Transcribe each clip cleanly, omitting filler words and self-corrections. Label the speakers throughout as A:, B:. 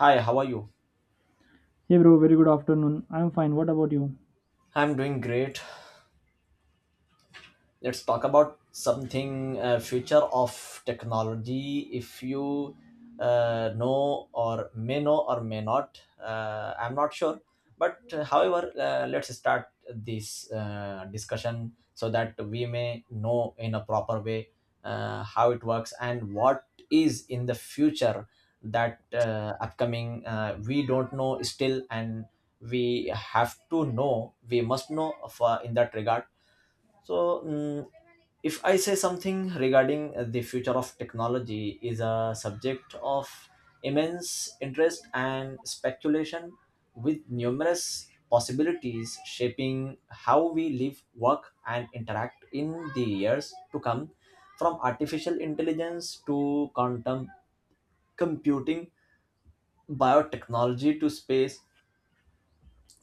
A: Hi, how are you?
B: Hey bro, very good afternoon. I'm fine. What about you?
A: I'm doing great. Let's talk about something future of technology if you know or may not. I'm not sure, but however, let's start this discussion so that we may know in a proper way how it works and what is in the future that upcoming, we don't know still, and we have to know, we must know for in that regard. So if I say something regarding, the future of technology is a subject of immense interest and speculation, with numerous possibilities shaping how we live, work, and interact in the years to come. From artificial intelligence to quantum computing, biotechnology to space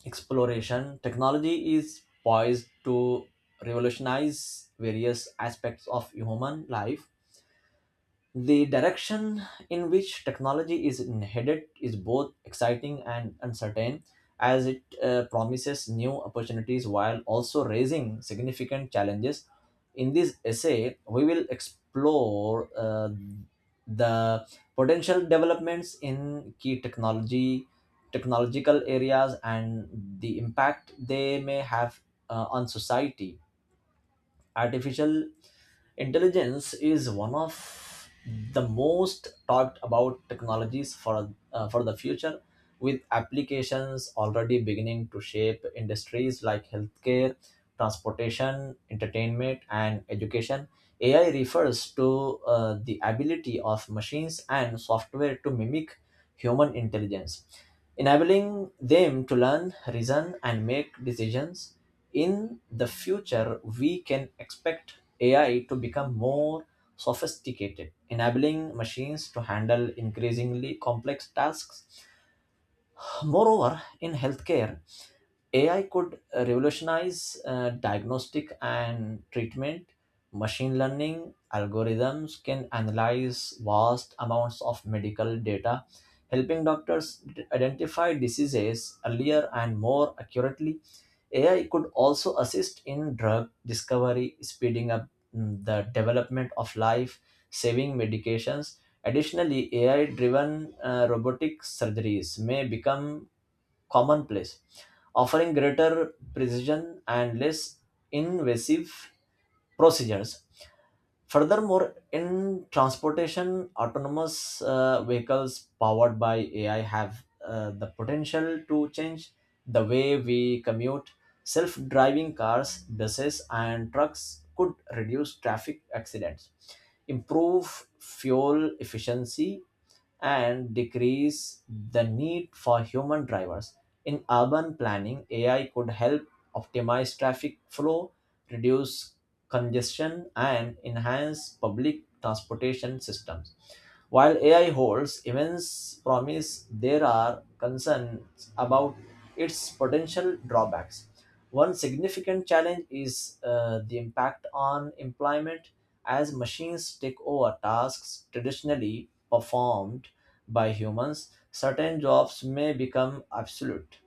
A: exploration, technology is poised to revolutionize various aspects of human life. The direction in which technology is headed is both exciting and uncertain, as it promises new opportunities while also raising significant challenges. In this essay, we will explore the potential developments in key technological areas, and the impact they may have on society. Artificial intelligence is one of the most talked about technologies for the future, with applications already beginning to shape industries like healthcare, transportation, entertainment, and education. AI refers to the ability of machines and software to mimic human intelligence, enabling them to learn, reason, and make decisions. In the future, we can expect AI to become more sophisticated, enabling machines to handle increasingly complex tasks. Moreover, in healthcare, AI could revolutionize diagnostic and treatment. Machine learning algorithms can analyze vast amounts of medical data, helping doctors identify diseases earlier and more accurately. AI could also assist in drug discovery, speeding up the development of life saving medications. Additionally, AI driven robotic surgeries may become commonplace, offering greater precision and less invasive procedures. Furthermore, in transportation, autonomous vehicles powered by AI have the potential to change the way we commute. Self driving cars, buses, and trucks could reduce traffic accidents, improve fuel efficiency, and decrease the need for human drivers. In urban planning, AI could help optimize traffic flow, reduce congestion, and enhance public transportation systems. While AI holds immense promise, there are concerns about its potential drawbacks. One significant challenge is the impact on employment as machines take over tasks traditionally performed by humans. Certain jobs may become obsolete,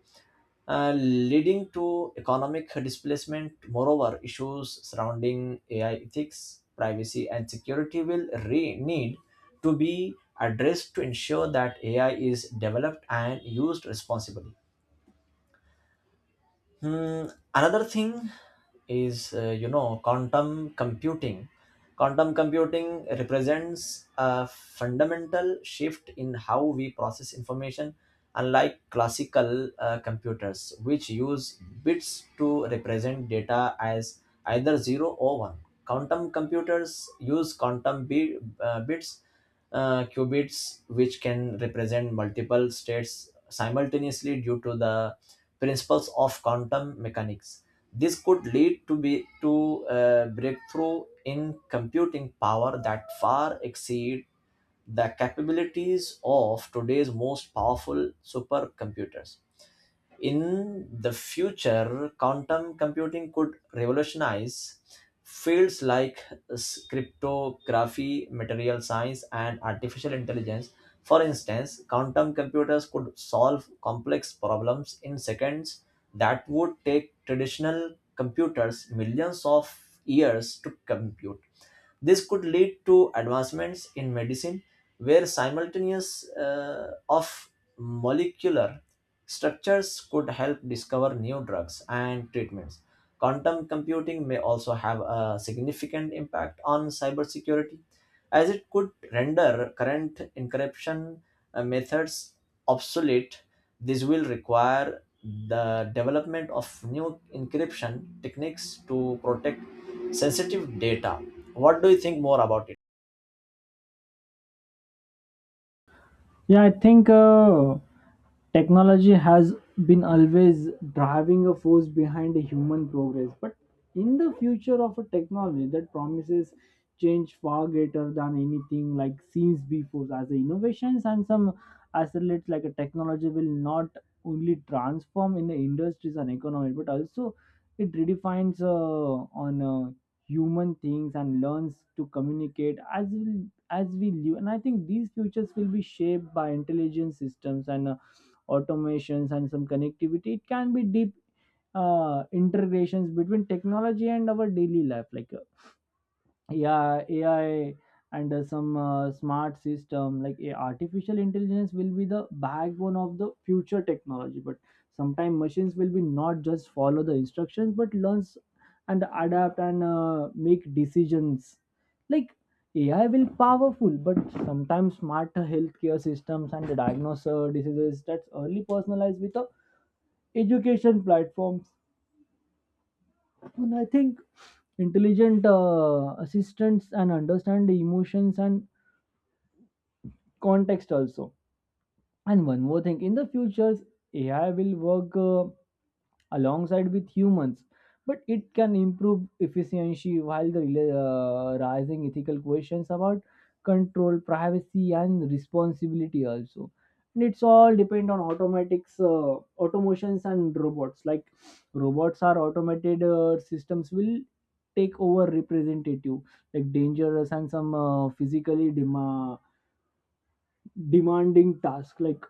A: leading to economic displacement. Moreover, issues surrounding AI ethics, privacy, and security will need to be addressed to ensure that AI is developed and used responsibly. Hmm, Another thing is quantum computing. Quantum computing represents a fundamental shift in how we process information. Unlike classical computers, which use bits to represent data as either zero or one, quantum computers use uh, bits, qubits, which can represent multiple states simultaneously due to the principles of quantum mechanics. This could lead to a breakthrough in computing power that far exceed the capabilities of today's most powerful supercomputers. In the future, quantum computing could revolutionize fields like cryptography, material science, and artificial intelligence. For instance, quantum computers could solve complex problems in seconds that would take traditional computers millions of years to compute. This could lead to advancements in medicine, where simultaneous of molecular structures could help discover new drugs and treatments. Quantum computing may also have a significant impact on cybersecurity, as it could render current encryption methods obsolete. This will require the development of new encryption techniques to protect sensitive data. What do you think more about it?
B: Yeah, I think technology has been always driving a force behind human progress, but in the future of a technology that promises change far greater than anything like seems before as the innovations and some accelerates like a technology will not only transform in the industries and economy but also it redefines on human things and learns to communicate as we live. And I think these futures will be shaped by intelligent systems and automations and some connectivity. It can be deep integrations between technology and our daily life like yeah, AI and some smart system like a artificial intelligence will be the backbone of the future technology. But sometimes machines will be not just follow the instructions but learns and adapt and make decisions like AI will powerful, but sometimes smart healthcare systems and diagnose diseases that's early personalized with the education platforms. And I think intelligent assistants and understand the emotions and context also. And one more thing, in the future, AI will work alongside with humans, but it can improve efficiency while the rising ethical questions about control, privacy, and responsibility also. And it's all depend on automations, and robots. Like robots are automated systems will take over representative, like dangerous and some physically demanding task like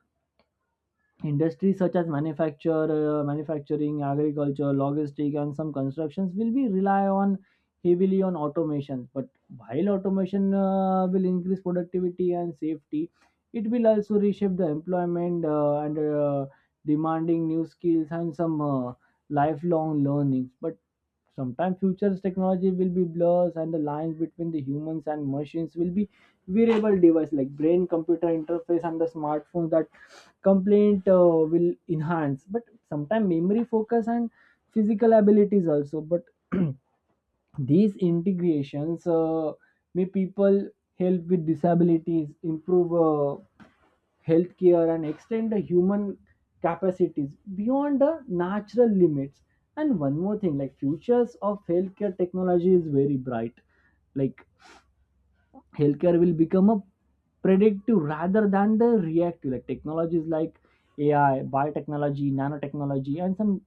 B: industries such as manufacturing, agriculture, logistics, and some constructions will be rely on heavily on automation. But while automation will increase productivity and safety, it will also reshape the employment and demanding new skills and some lifelong learnings. But sometimes future's technology will be blurs and the lines between the humans and machines will be wearable device like brain computer interface and the smartphones that complaint will enhance but sometimes memory focus and physical abilities also but these integrations may people help with disabilities, improve healthcare and extend the human capacities beyond the natural limits. And one more thing like futures of healthcare technology is very bright. Like healthcare will become a predictive rather than the reactive. Like technologies like AI, biotechnology, nanotechnology, and some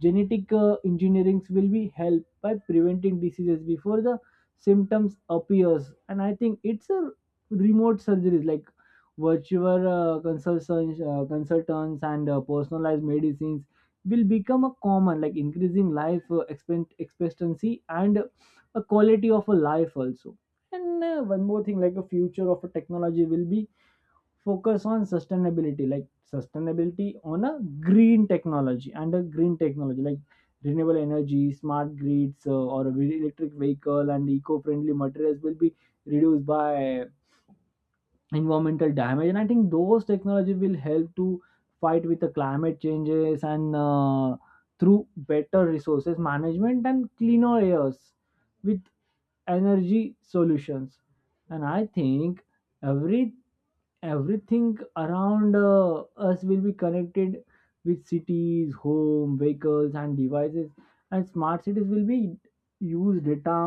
B: genetic engineerings will be helped by preventing diseases before the symptoms appears. And I think it's a remote surgeries like virtual consultants and personalized medicines will become a common like increasing life expectancy and a quality of a life also. And one more thing, like a future of a technology will be focus on sustainability, like sustainability on a green technology and a green technology like renewable energy, smart grids, or electric vehicle and eco-friendly materials will be reduced by environmental damage. And I think those technology will help to fight with the climate changes and through better resources management and cleaner airs with energy solutions. And I think every everything around us will be connected with cities, home, vehicles and devices. And smart cities will be use data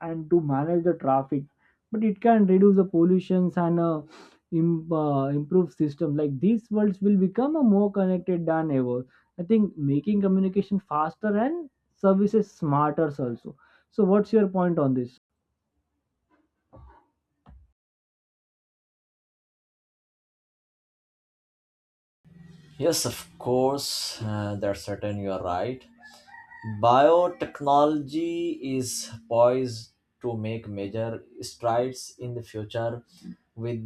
B: and to manage the traffic, but it can reduce the pollutions and improve system like these worlds will become a more connected than ever. I think making communication faster and services smarter also. So what's your point on this?
A: Yes, of course, that's certain, you are right. Biotechnology is poised to make major strides in the future, with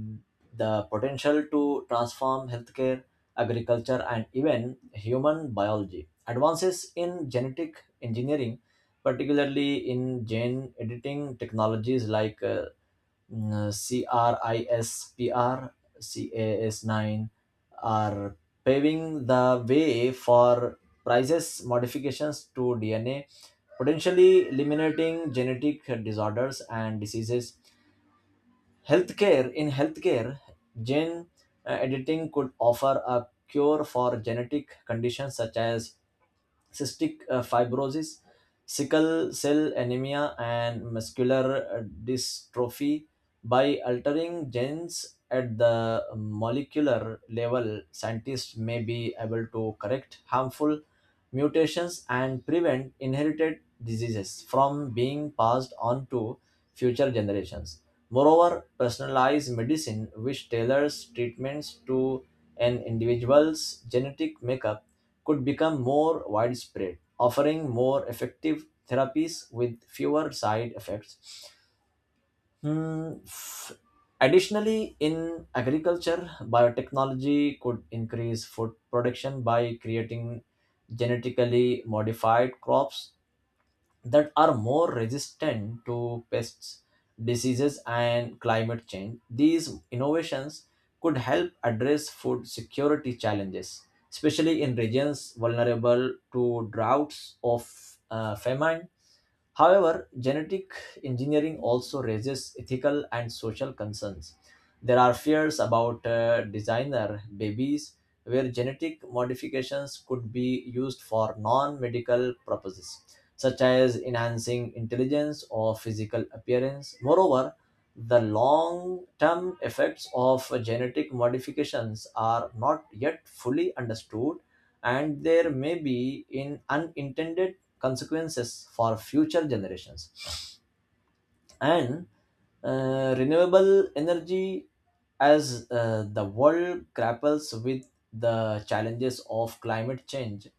A: the potential to transform healthcare, agriculture, and even human biology. Advances in genetic engineering, particularly in gene editing technologies like mm, CRISPR CAS9, are paving the way for precise modifications to DNA, potentially eliminating genetic disorders and diseases. Healthcare in healthcare, gene editing could offer a cure for genetic conditions such as cystic fibrosis, sickle cell anemia, and muscular dystrophy by altering genes at the molecular level. Scientists may be able to correct harmful mutations and prevent inherited diseases from being passed on to future generations. Moreover, personalized medicine, which tailors treatments to an individual's genetic makeup, could become more widespread, offering more effective therapies with fewer side effects. Hmm, f- Additionally, in agriculture, biotechnology could increase food production by creating genetically modified crops that are more resistant to pests, diseases, and climate change. These innovations could help address food security challenges, especially in regions vulnerable to droughts of, famine. However, genetic engineering also raises ethical and social concerns. There are fears about designer babies, where genetic modifications could be used for non medical purposes, such as enhancing intelligence or physical appearance. Moreover, the long term effects of genetic modifications are not yet fully understood, and there may be in unintended consequences for future generations. And renewable energy, as the world grapples with the challenges of climate change,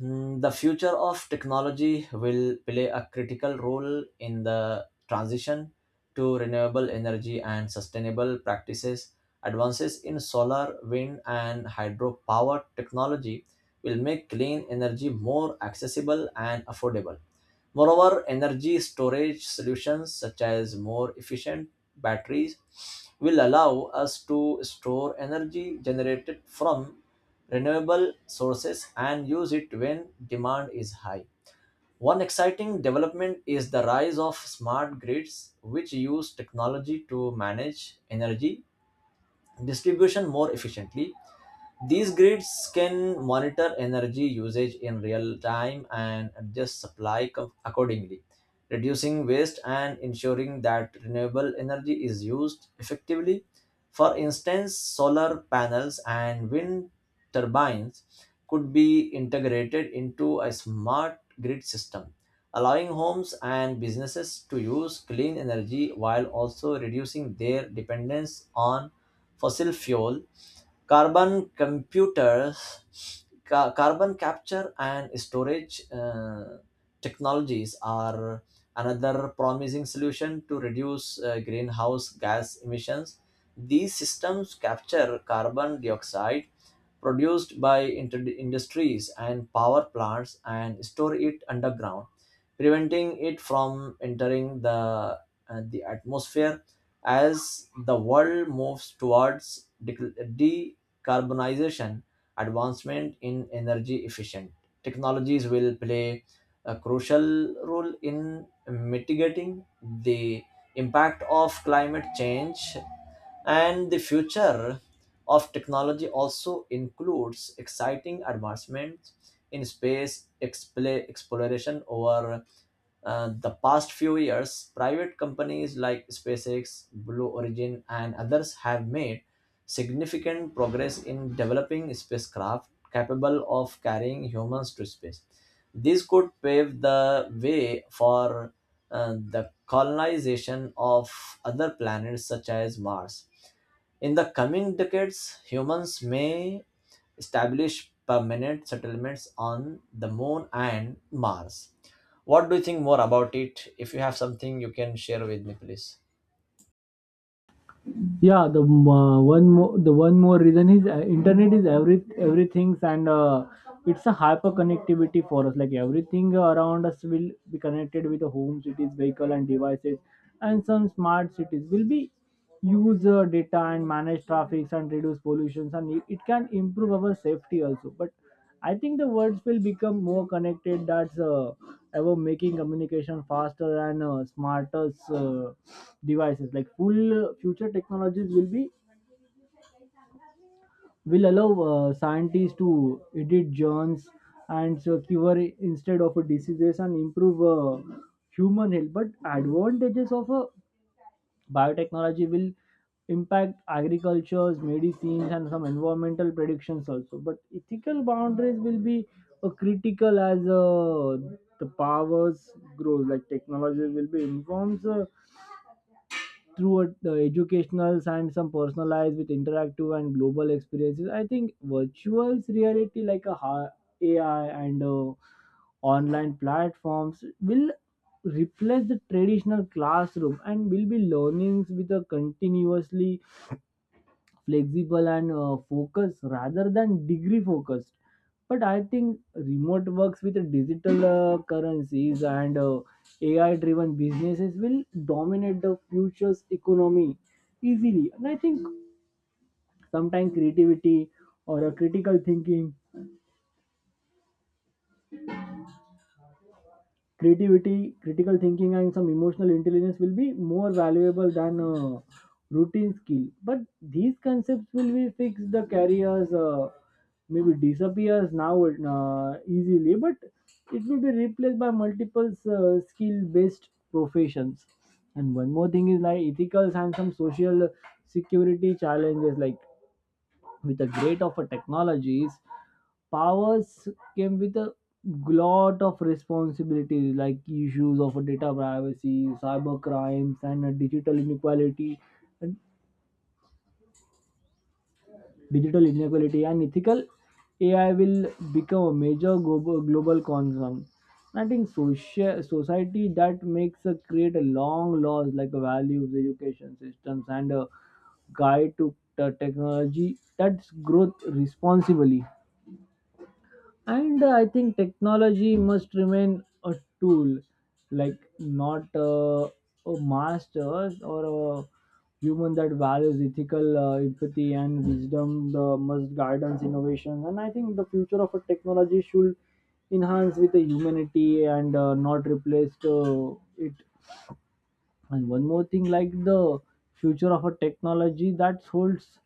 A: the future of technology will play a critical role in the transition to renewable energy and sustainable practices. Advances in solar, wind, and hydropower technology will make clean energy more accessible and affordable. Moreover, energy storage solutions such as more efficient batteries will allow us to store energy generated from renewable sources and use it when demand is high. One exciting development is the rise of smart grids, which use technology to manage energy distribution more efficiently. These grids can monitor energy usage in real time and adjust supply accordingly, reducing waste and ensuring that renewable energy is used effectively. For instance, solar panels and wind turbines could be integrated into a smart grid system, allowing homes and businesses to use clean energy while also reducing their dependence on fossil fuel. Carbon computers, carbon capture and storage technologies are another promising solution to reduce greenhouse gas emissions. These systems capture carbon dioxide produced by industries and power plants and store it underground, preventing it from entering the atmosphere. As the world moves towards decarbonization, advancement in energy efficient technologies will play a crucial role in mitigating the impact of climate change. And the future of technology also includes exciting advancements in space exploration. Over the past few years, private companies like SpaceX, Blue Origin, and others have made significant progress in developing spacecraft capable of carrying humans to space. This could pave the way for the colonization of other planets such as Mars. In the coming decades, humans may establish permanent settlements on the moon and Mars. What do you think more about it? If you have something you can share with me, please.
B: Yeah, the one more reason is internet is everything and it's a hyper connectivity for us like everything around us will be connected with the home, cities, vehicle and devices. And some smart cities will be use data and manage traffic and reduce pollutions and it can improve our safety also. But I think the words will become more connected. That's Ever making communication faster and smarter devices. Like full future technologies will be will allow scientists to edit germs and so cure instead of diseases and improve human health. But advantages of a biotechnology will impact agricultures, medicines, and some environmental predictions also. But ethical boundaries will be a critical as the powers grows. Like technology will be informs. Through a, educational and some personalized with interactive and global experiences. I think virtual reality like AI and online platforms will replace the traditional classroom and will be learnings with a continuously flexible and focused rather than degree focused. But I think remote works with digital currencies and AI driven businesses will dominate the future's economy easily. And I think sometimes creativity or a critical thinking creativity, critical thinking, and some emotional intelligence will be more valuable than routine skill. But these concepts will be fixed the careers, maybe disappears now easily, but it will be replaced by multiple skill-based professions. And one more thing is like ethicals and some social security challenges, like with the great of a technologies powers came with a lot of responsibilities like issues of data privacy, cyber crimes and digital inequality. And ethical AI will become a major global concern. I think social society that makes a create a long laws like values, education systems and a guide to the technology that's growth responsibly. And I think technology must remain a tool like not a master or a human that values ethical empathy and wisdom the must guidance innovation. And I think the future of a technology should enhance with the humanity and not replace it. And one more thing like the future of a technology that holds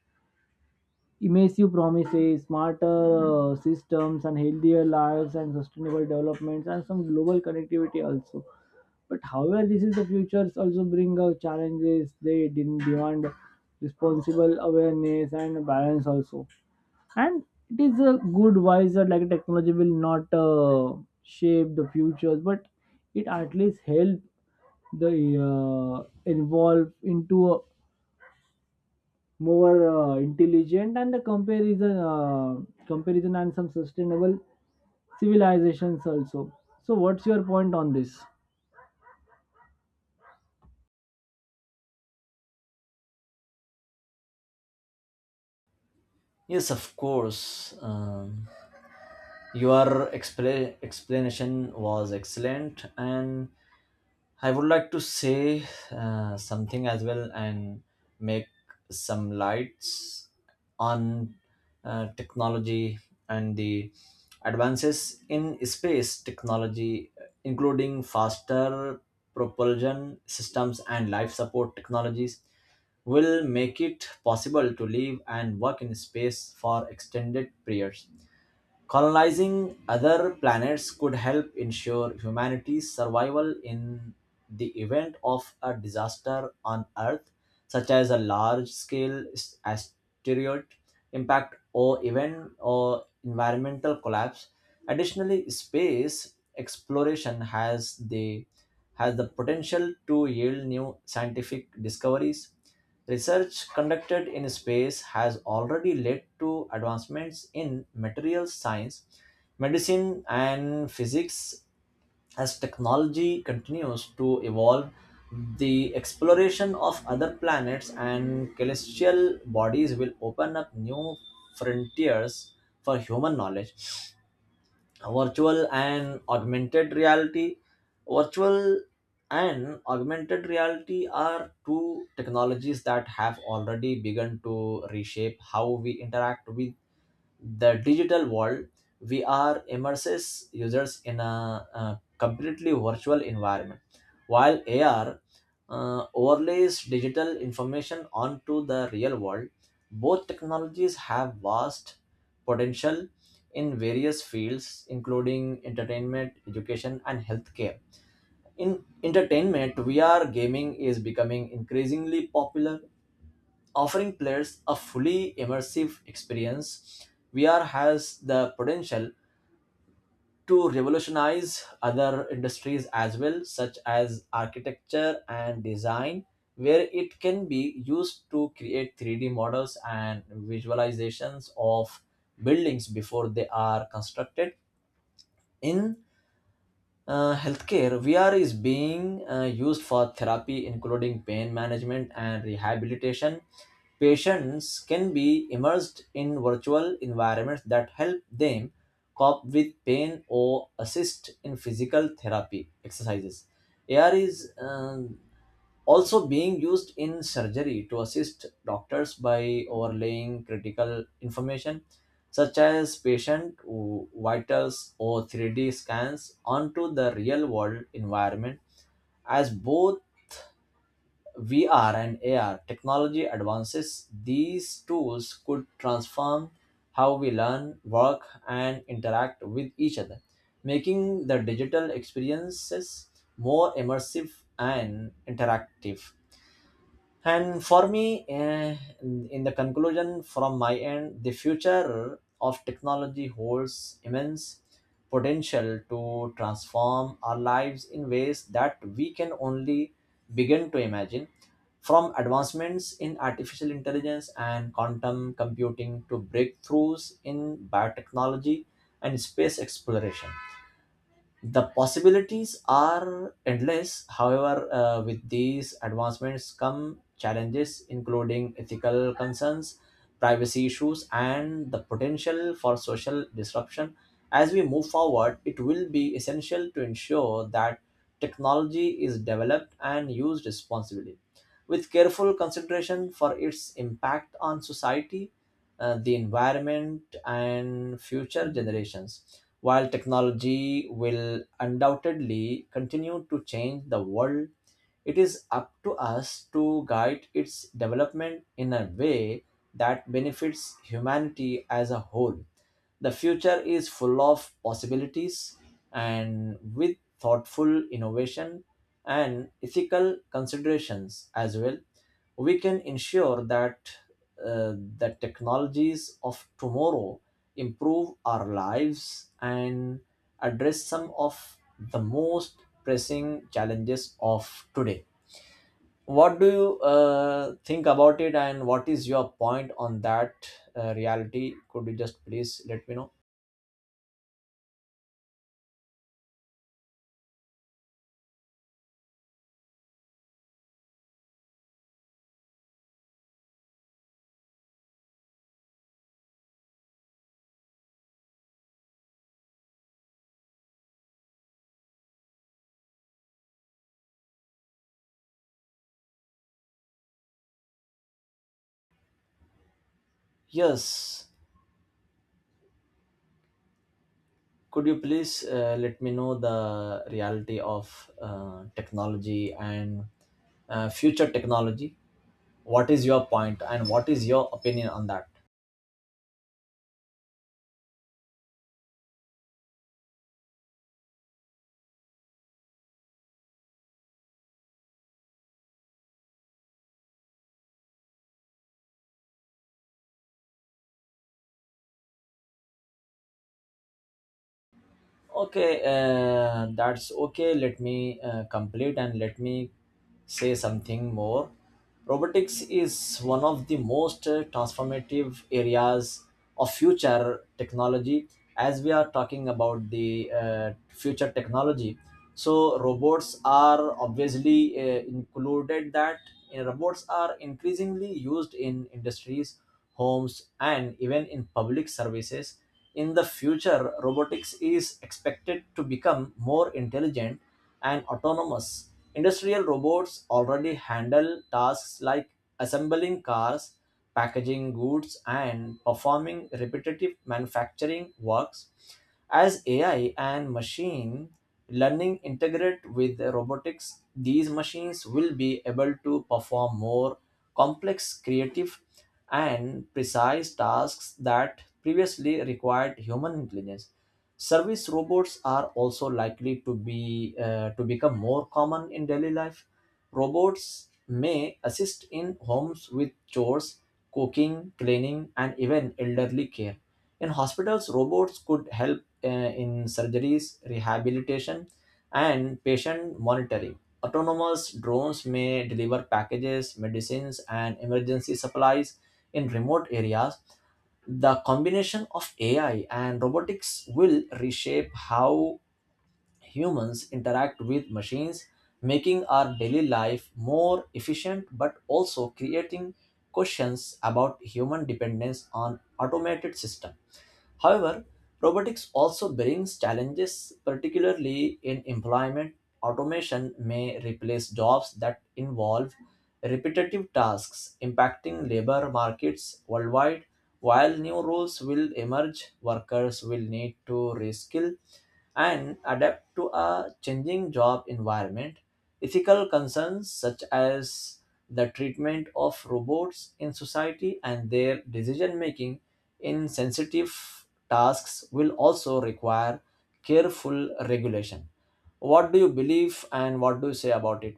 B: immersive promises, smarter systems, and healthier lives, and sustainable developments, and some global connectivity also. But however, this is the futures also bring out challenges. They didn't demand responsible awareness and balance also. And it is a good wise that like technology will not shape the futures, but it at least help the involve into a more intelligent and the comparison and some sustainable civilizations also. So what's your point on this?
A: Yes, of course. Your explanation was excellent, and I would like to say something as well and make some lights on technology. And the advances in space technology, including faster propulsion systems and life support technologies, will make it possible to live and work in space for extended periods. Colonizing other planets could help ensure humanity's survival in the event of a disaster on Earth, such as a large scale asteroid impact or even or environmental collapse. Additionally, space exploration has the potential to yield new scientific discoveries. Research conducted in space has already led to advancements in materials science, medicine, and physics. As technology continues to evolve, the exploration of other planets and celestial bodies will open up new frontiers for human knowledge. Virtual and augmented reality. Virtual and augmented reality are two technologies that have already begun to reshape how we interact with the digital world. We are immerses users in a, completely virtual environment, while AR overlays digital information onto the real world. Both technologies have vast potential in various fields, including entertainment, education, and healthcare. In entertainment, VR gaming is becoming increasingly popular, offering players a fully immersive experience. VR has the potential to revolutionize other industries as well, such as architecture and design, where it can be used to create 3D models and visualizations of buildings before they are constructed. In healthcare, VR is being used for therapy, including pain management and rehabilitation. Patients can be immersed in virtual environments that help them cope with pain or assist in physical therapy exercises. AR is also being used in surgery to assist doctors by overlaying critical information such as patient vitals or 3D scans onto the real world environment. As both VR and AR technology advances, these tools could transform how we learn, work, and interact with each other, making the digital experiences more immersive and interactive. And for me, in the conclusion from my end, the future of technology holds immense potential to transform our lives in ways that we can only begin to imagine. From advancements in artificial intelligence and quantum computing to breakthroughs in biotechnology and space exploration, the possibilities are endless. However, with these advancements come challenges, including ethical concerns, privacy issues, and the potential for social disruption. As we move forward, it will be essential to ensure that technology is developed and used responsibly, with careful consideration for its impact on society, the environment, and future generations. While technology will undoubtedly continue to change the world, it is up to us to guide its development in a way that benefits humanity as a whole. The future is full of possibilities, and with thoughtful innovation and ethical considerations as well, we can ensure that uh, the technologies of tomorrow improve our lives and address some of the most pressing challenges of today. What do you think about it, and what is your point on that reality? Could you just please let me know? Yes, could you please let me know the reality of technology and future technology? What is your point, and what is your opinion on that? Okay, that's okay. Let me complete and let me say something more. Robotics is one of the most transformative areas of future technology. As we are talking about the future technology, so robots are obviously included that robots are increasingly used in industries, homes, and even in public services. In the future, robotics is expected to become more intelligent and autonomous. Industrial robots already handle tasks like assembling cars, packaging goods, and performing repetitive manufacturing works. As AI and machine learning integrate with the robotics, these machines will be able to perform more complex, creative, and precise tasks that previously required human intelligence. Service robots are also likely to be to become more common in daily life. Robots may assist in homes with chores, cooking, cleaning, and even elderly care. In hospitals, robots could help in surgeries, rehabilitation, and patient monitoring. Autonomous drones may deliver packages, medicines, and emergency supplies in remote areas. The combination of AI and robotics will reshape how humans interact with machines, making our daily life more efficient but also creating questions about human dependence on automated systems. However, robotics also brings challenges, particularly in employment. Automation may replace jobs that involve repetitive tasks, impacting labor markets worldwide. While new roles will emerge, workers will need to reskill and adapt to a changing job environment. Ethical concerns such as the treatment of robots in society and their decision making in sensitive tasks will also require careful regulation. What do you believe and what do you say about it?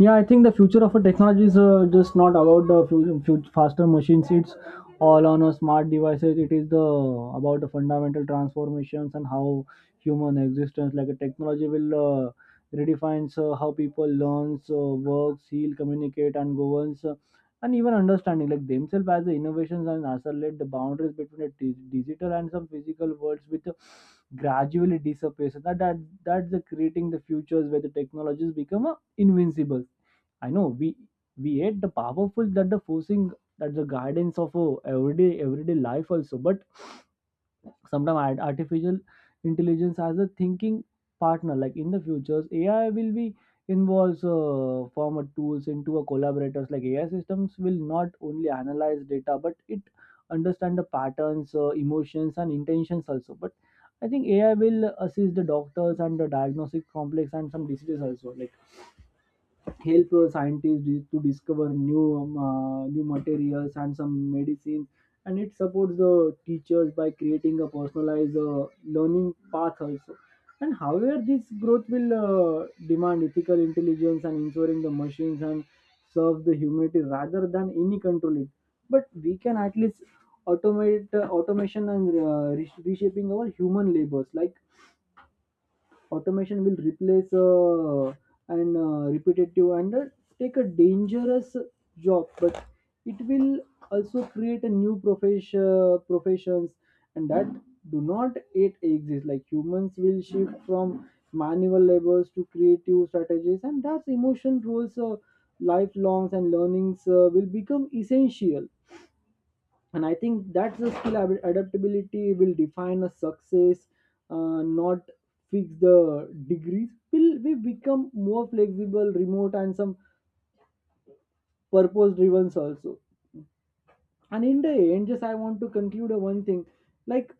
B: Yeah, I think the future of a technology is just not about the faster machines. It's all on a smart devices. It is the about the fundamental transformations and how human existence, like a technology, will uh, redefines how people learns, works, heal, communicate, and governs, and even understanding like themselves as the innovations and accelerate the boundaries between the digital and some physical worlds with gradually disappear. So that's the creating the futures where the technologies become invincible. I know we hate the powerful that the forcing that the guidance of everyday life also. But sometimes artificial intelligence as a thinking partner like in the futures AI will be involves form of tools into a collaborators like AI systems will not only analyze data but it understand the patterns emotions and intentions also. But I think AI will assist the doctors and the diagnostic complex and some diseases also, like help scientists to discover new materials and some medicine. And it supports the teachers by creating a personalized learning path also. And however this growth will demand ethical intelligence and ensuring the machines and serve the humanity rather than any control it. But we can at least automate automation and reshaping our human labors. Like automation will replace and repetitive and take a dangerous job, but it will also create a new professions and that do not yet exist like humans will shift from manual labors to creative strategies and that's emotion roles. Lifelongs and learnings will become essential. And I think that's the skill adaptability will define a success, not fix the degrees will we become more flexible, remote and some purpose driven also. And in the end just I want to conclude a one thing like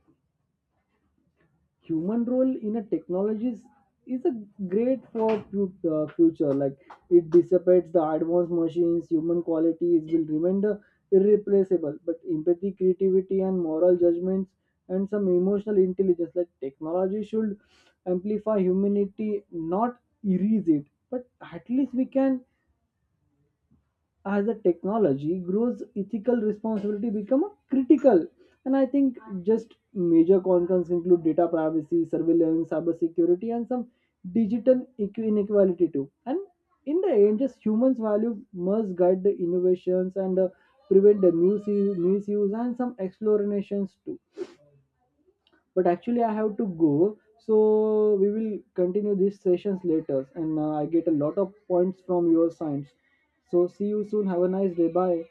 B: human role in a technologies is a great for future like it dissipates the advanced machines. Human qualities will remain the irreplaceable but empathy, creativity and moral judgments and some emotional intelligence like technology should amplify humanity not erase it. But at least we can, as the technology grows ethical responsibility become critical. And I think just major concerns include data privacy, surveillance, cyber security and some digital inequality too. And in the end just humans value must guide the innovations and prevent the misuse and some explorations too. But actually I have to go so we will continue these sessions later and I get a lot of points from your science. So see you soon. Have a nice day. Bye.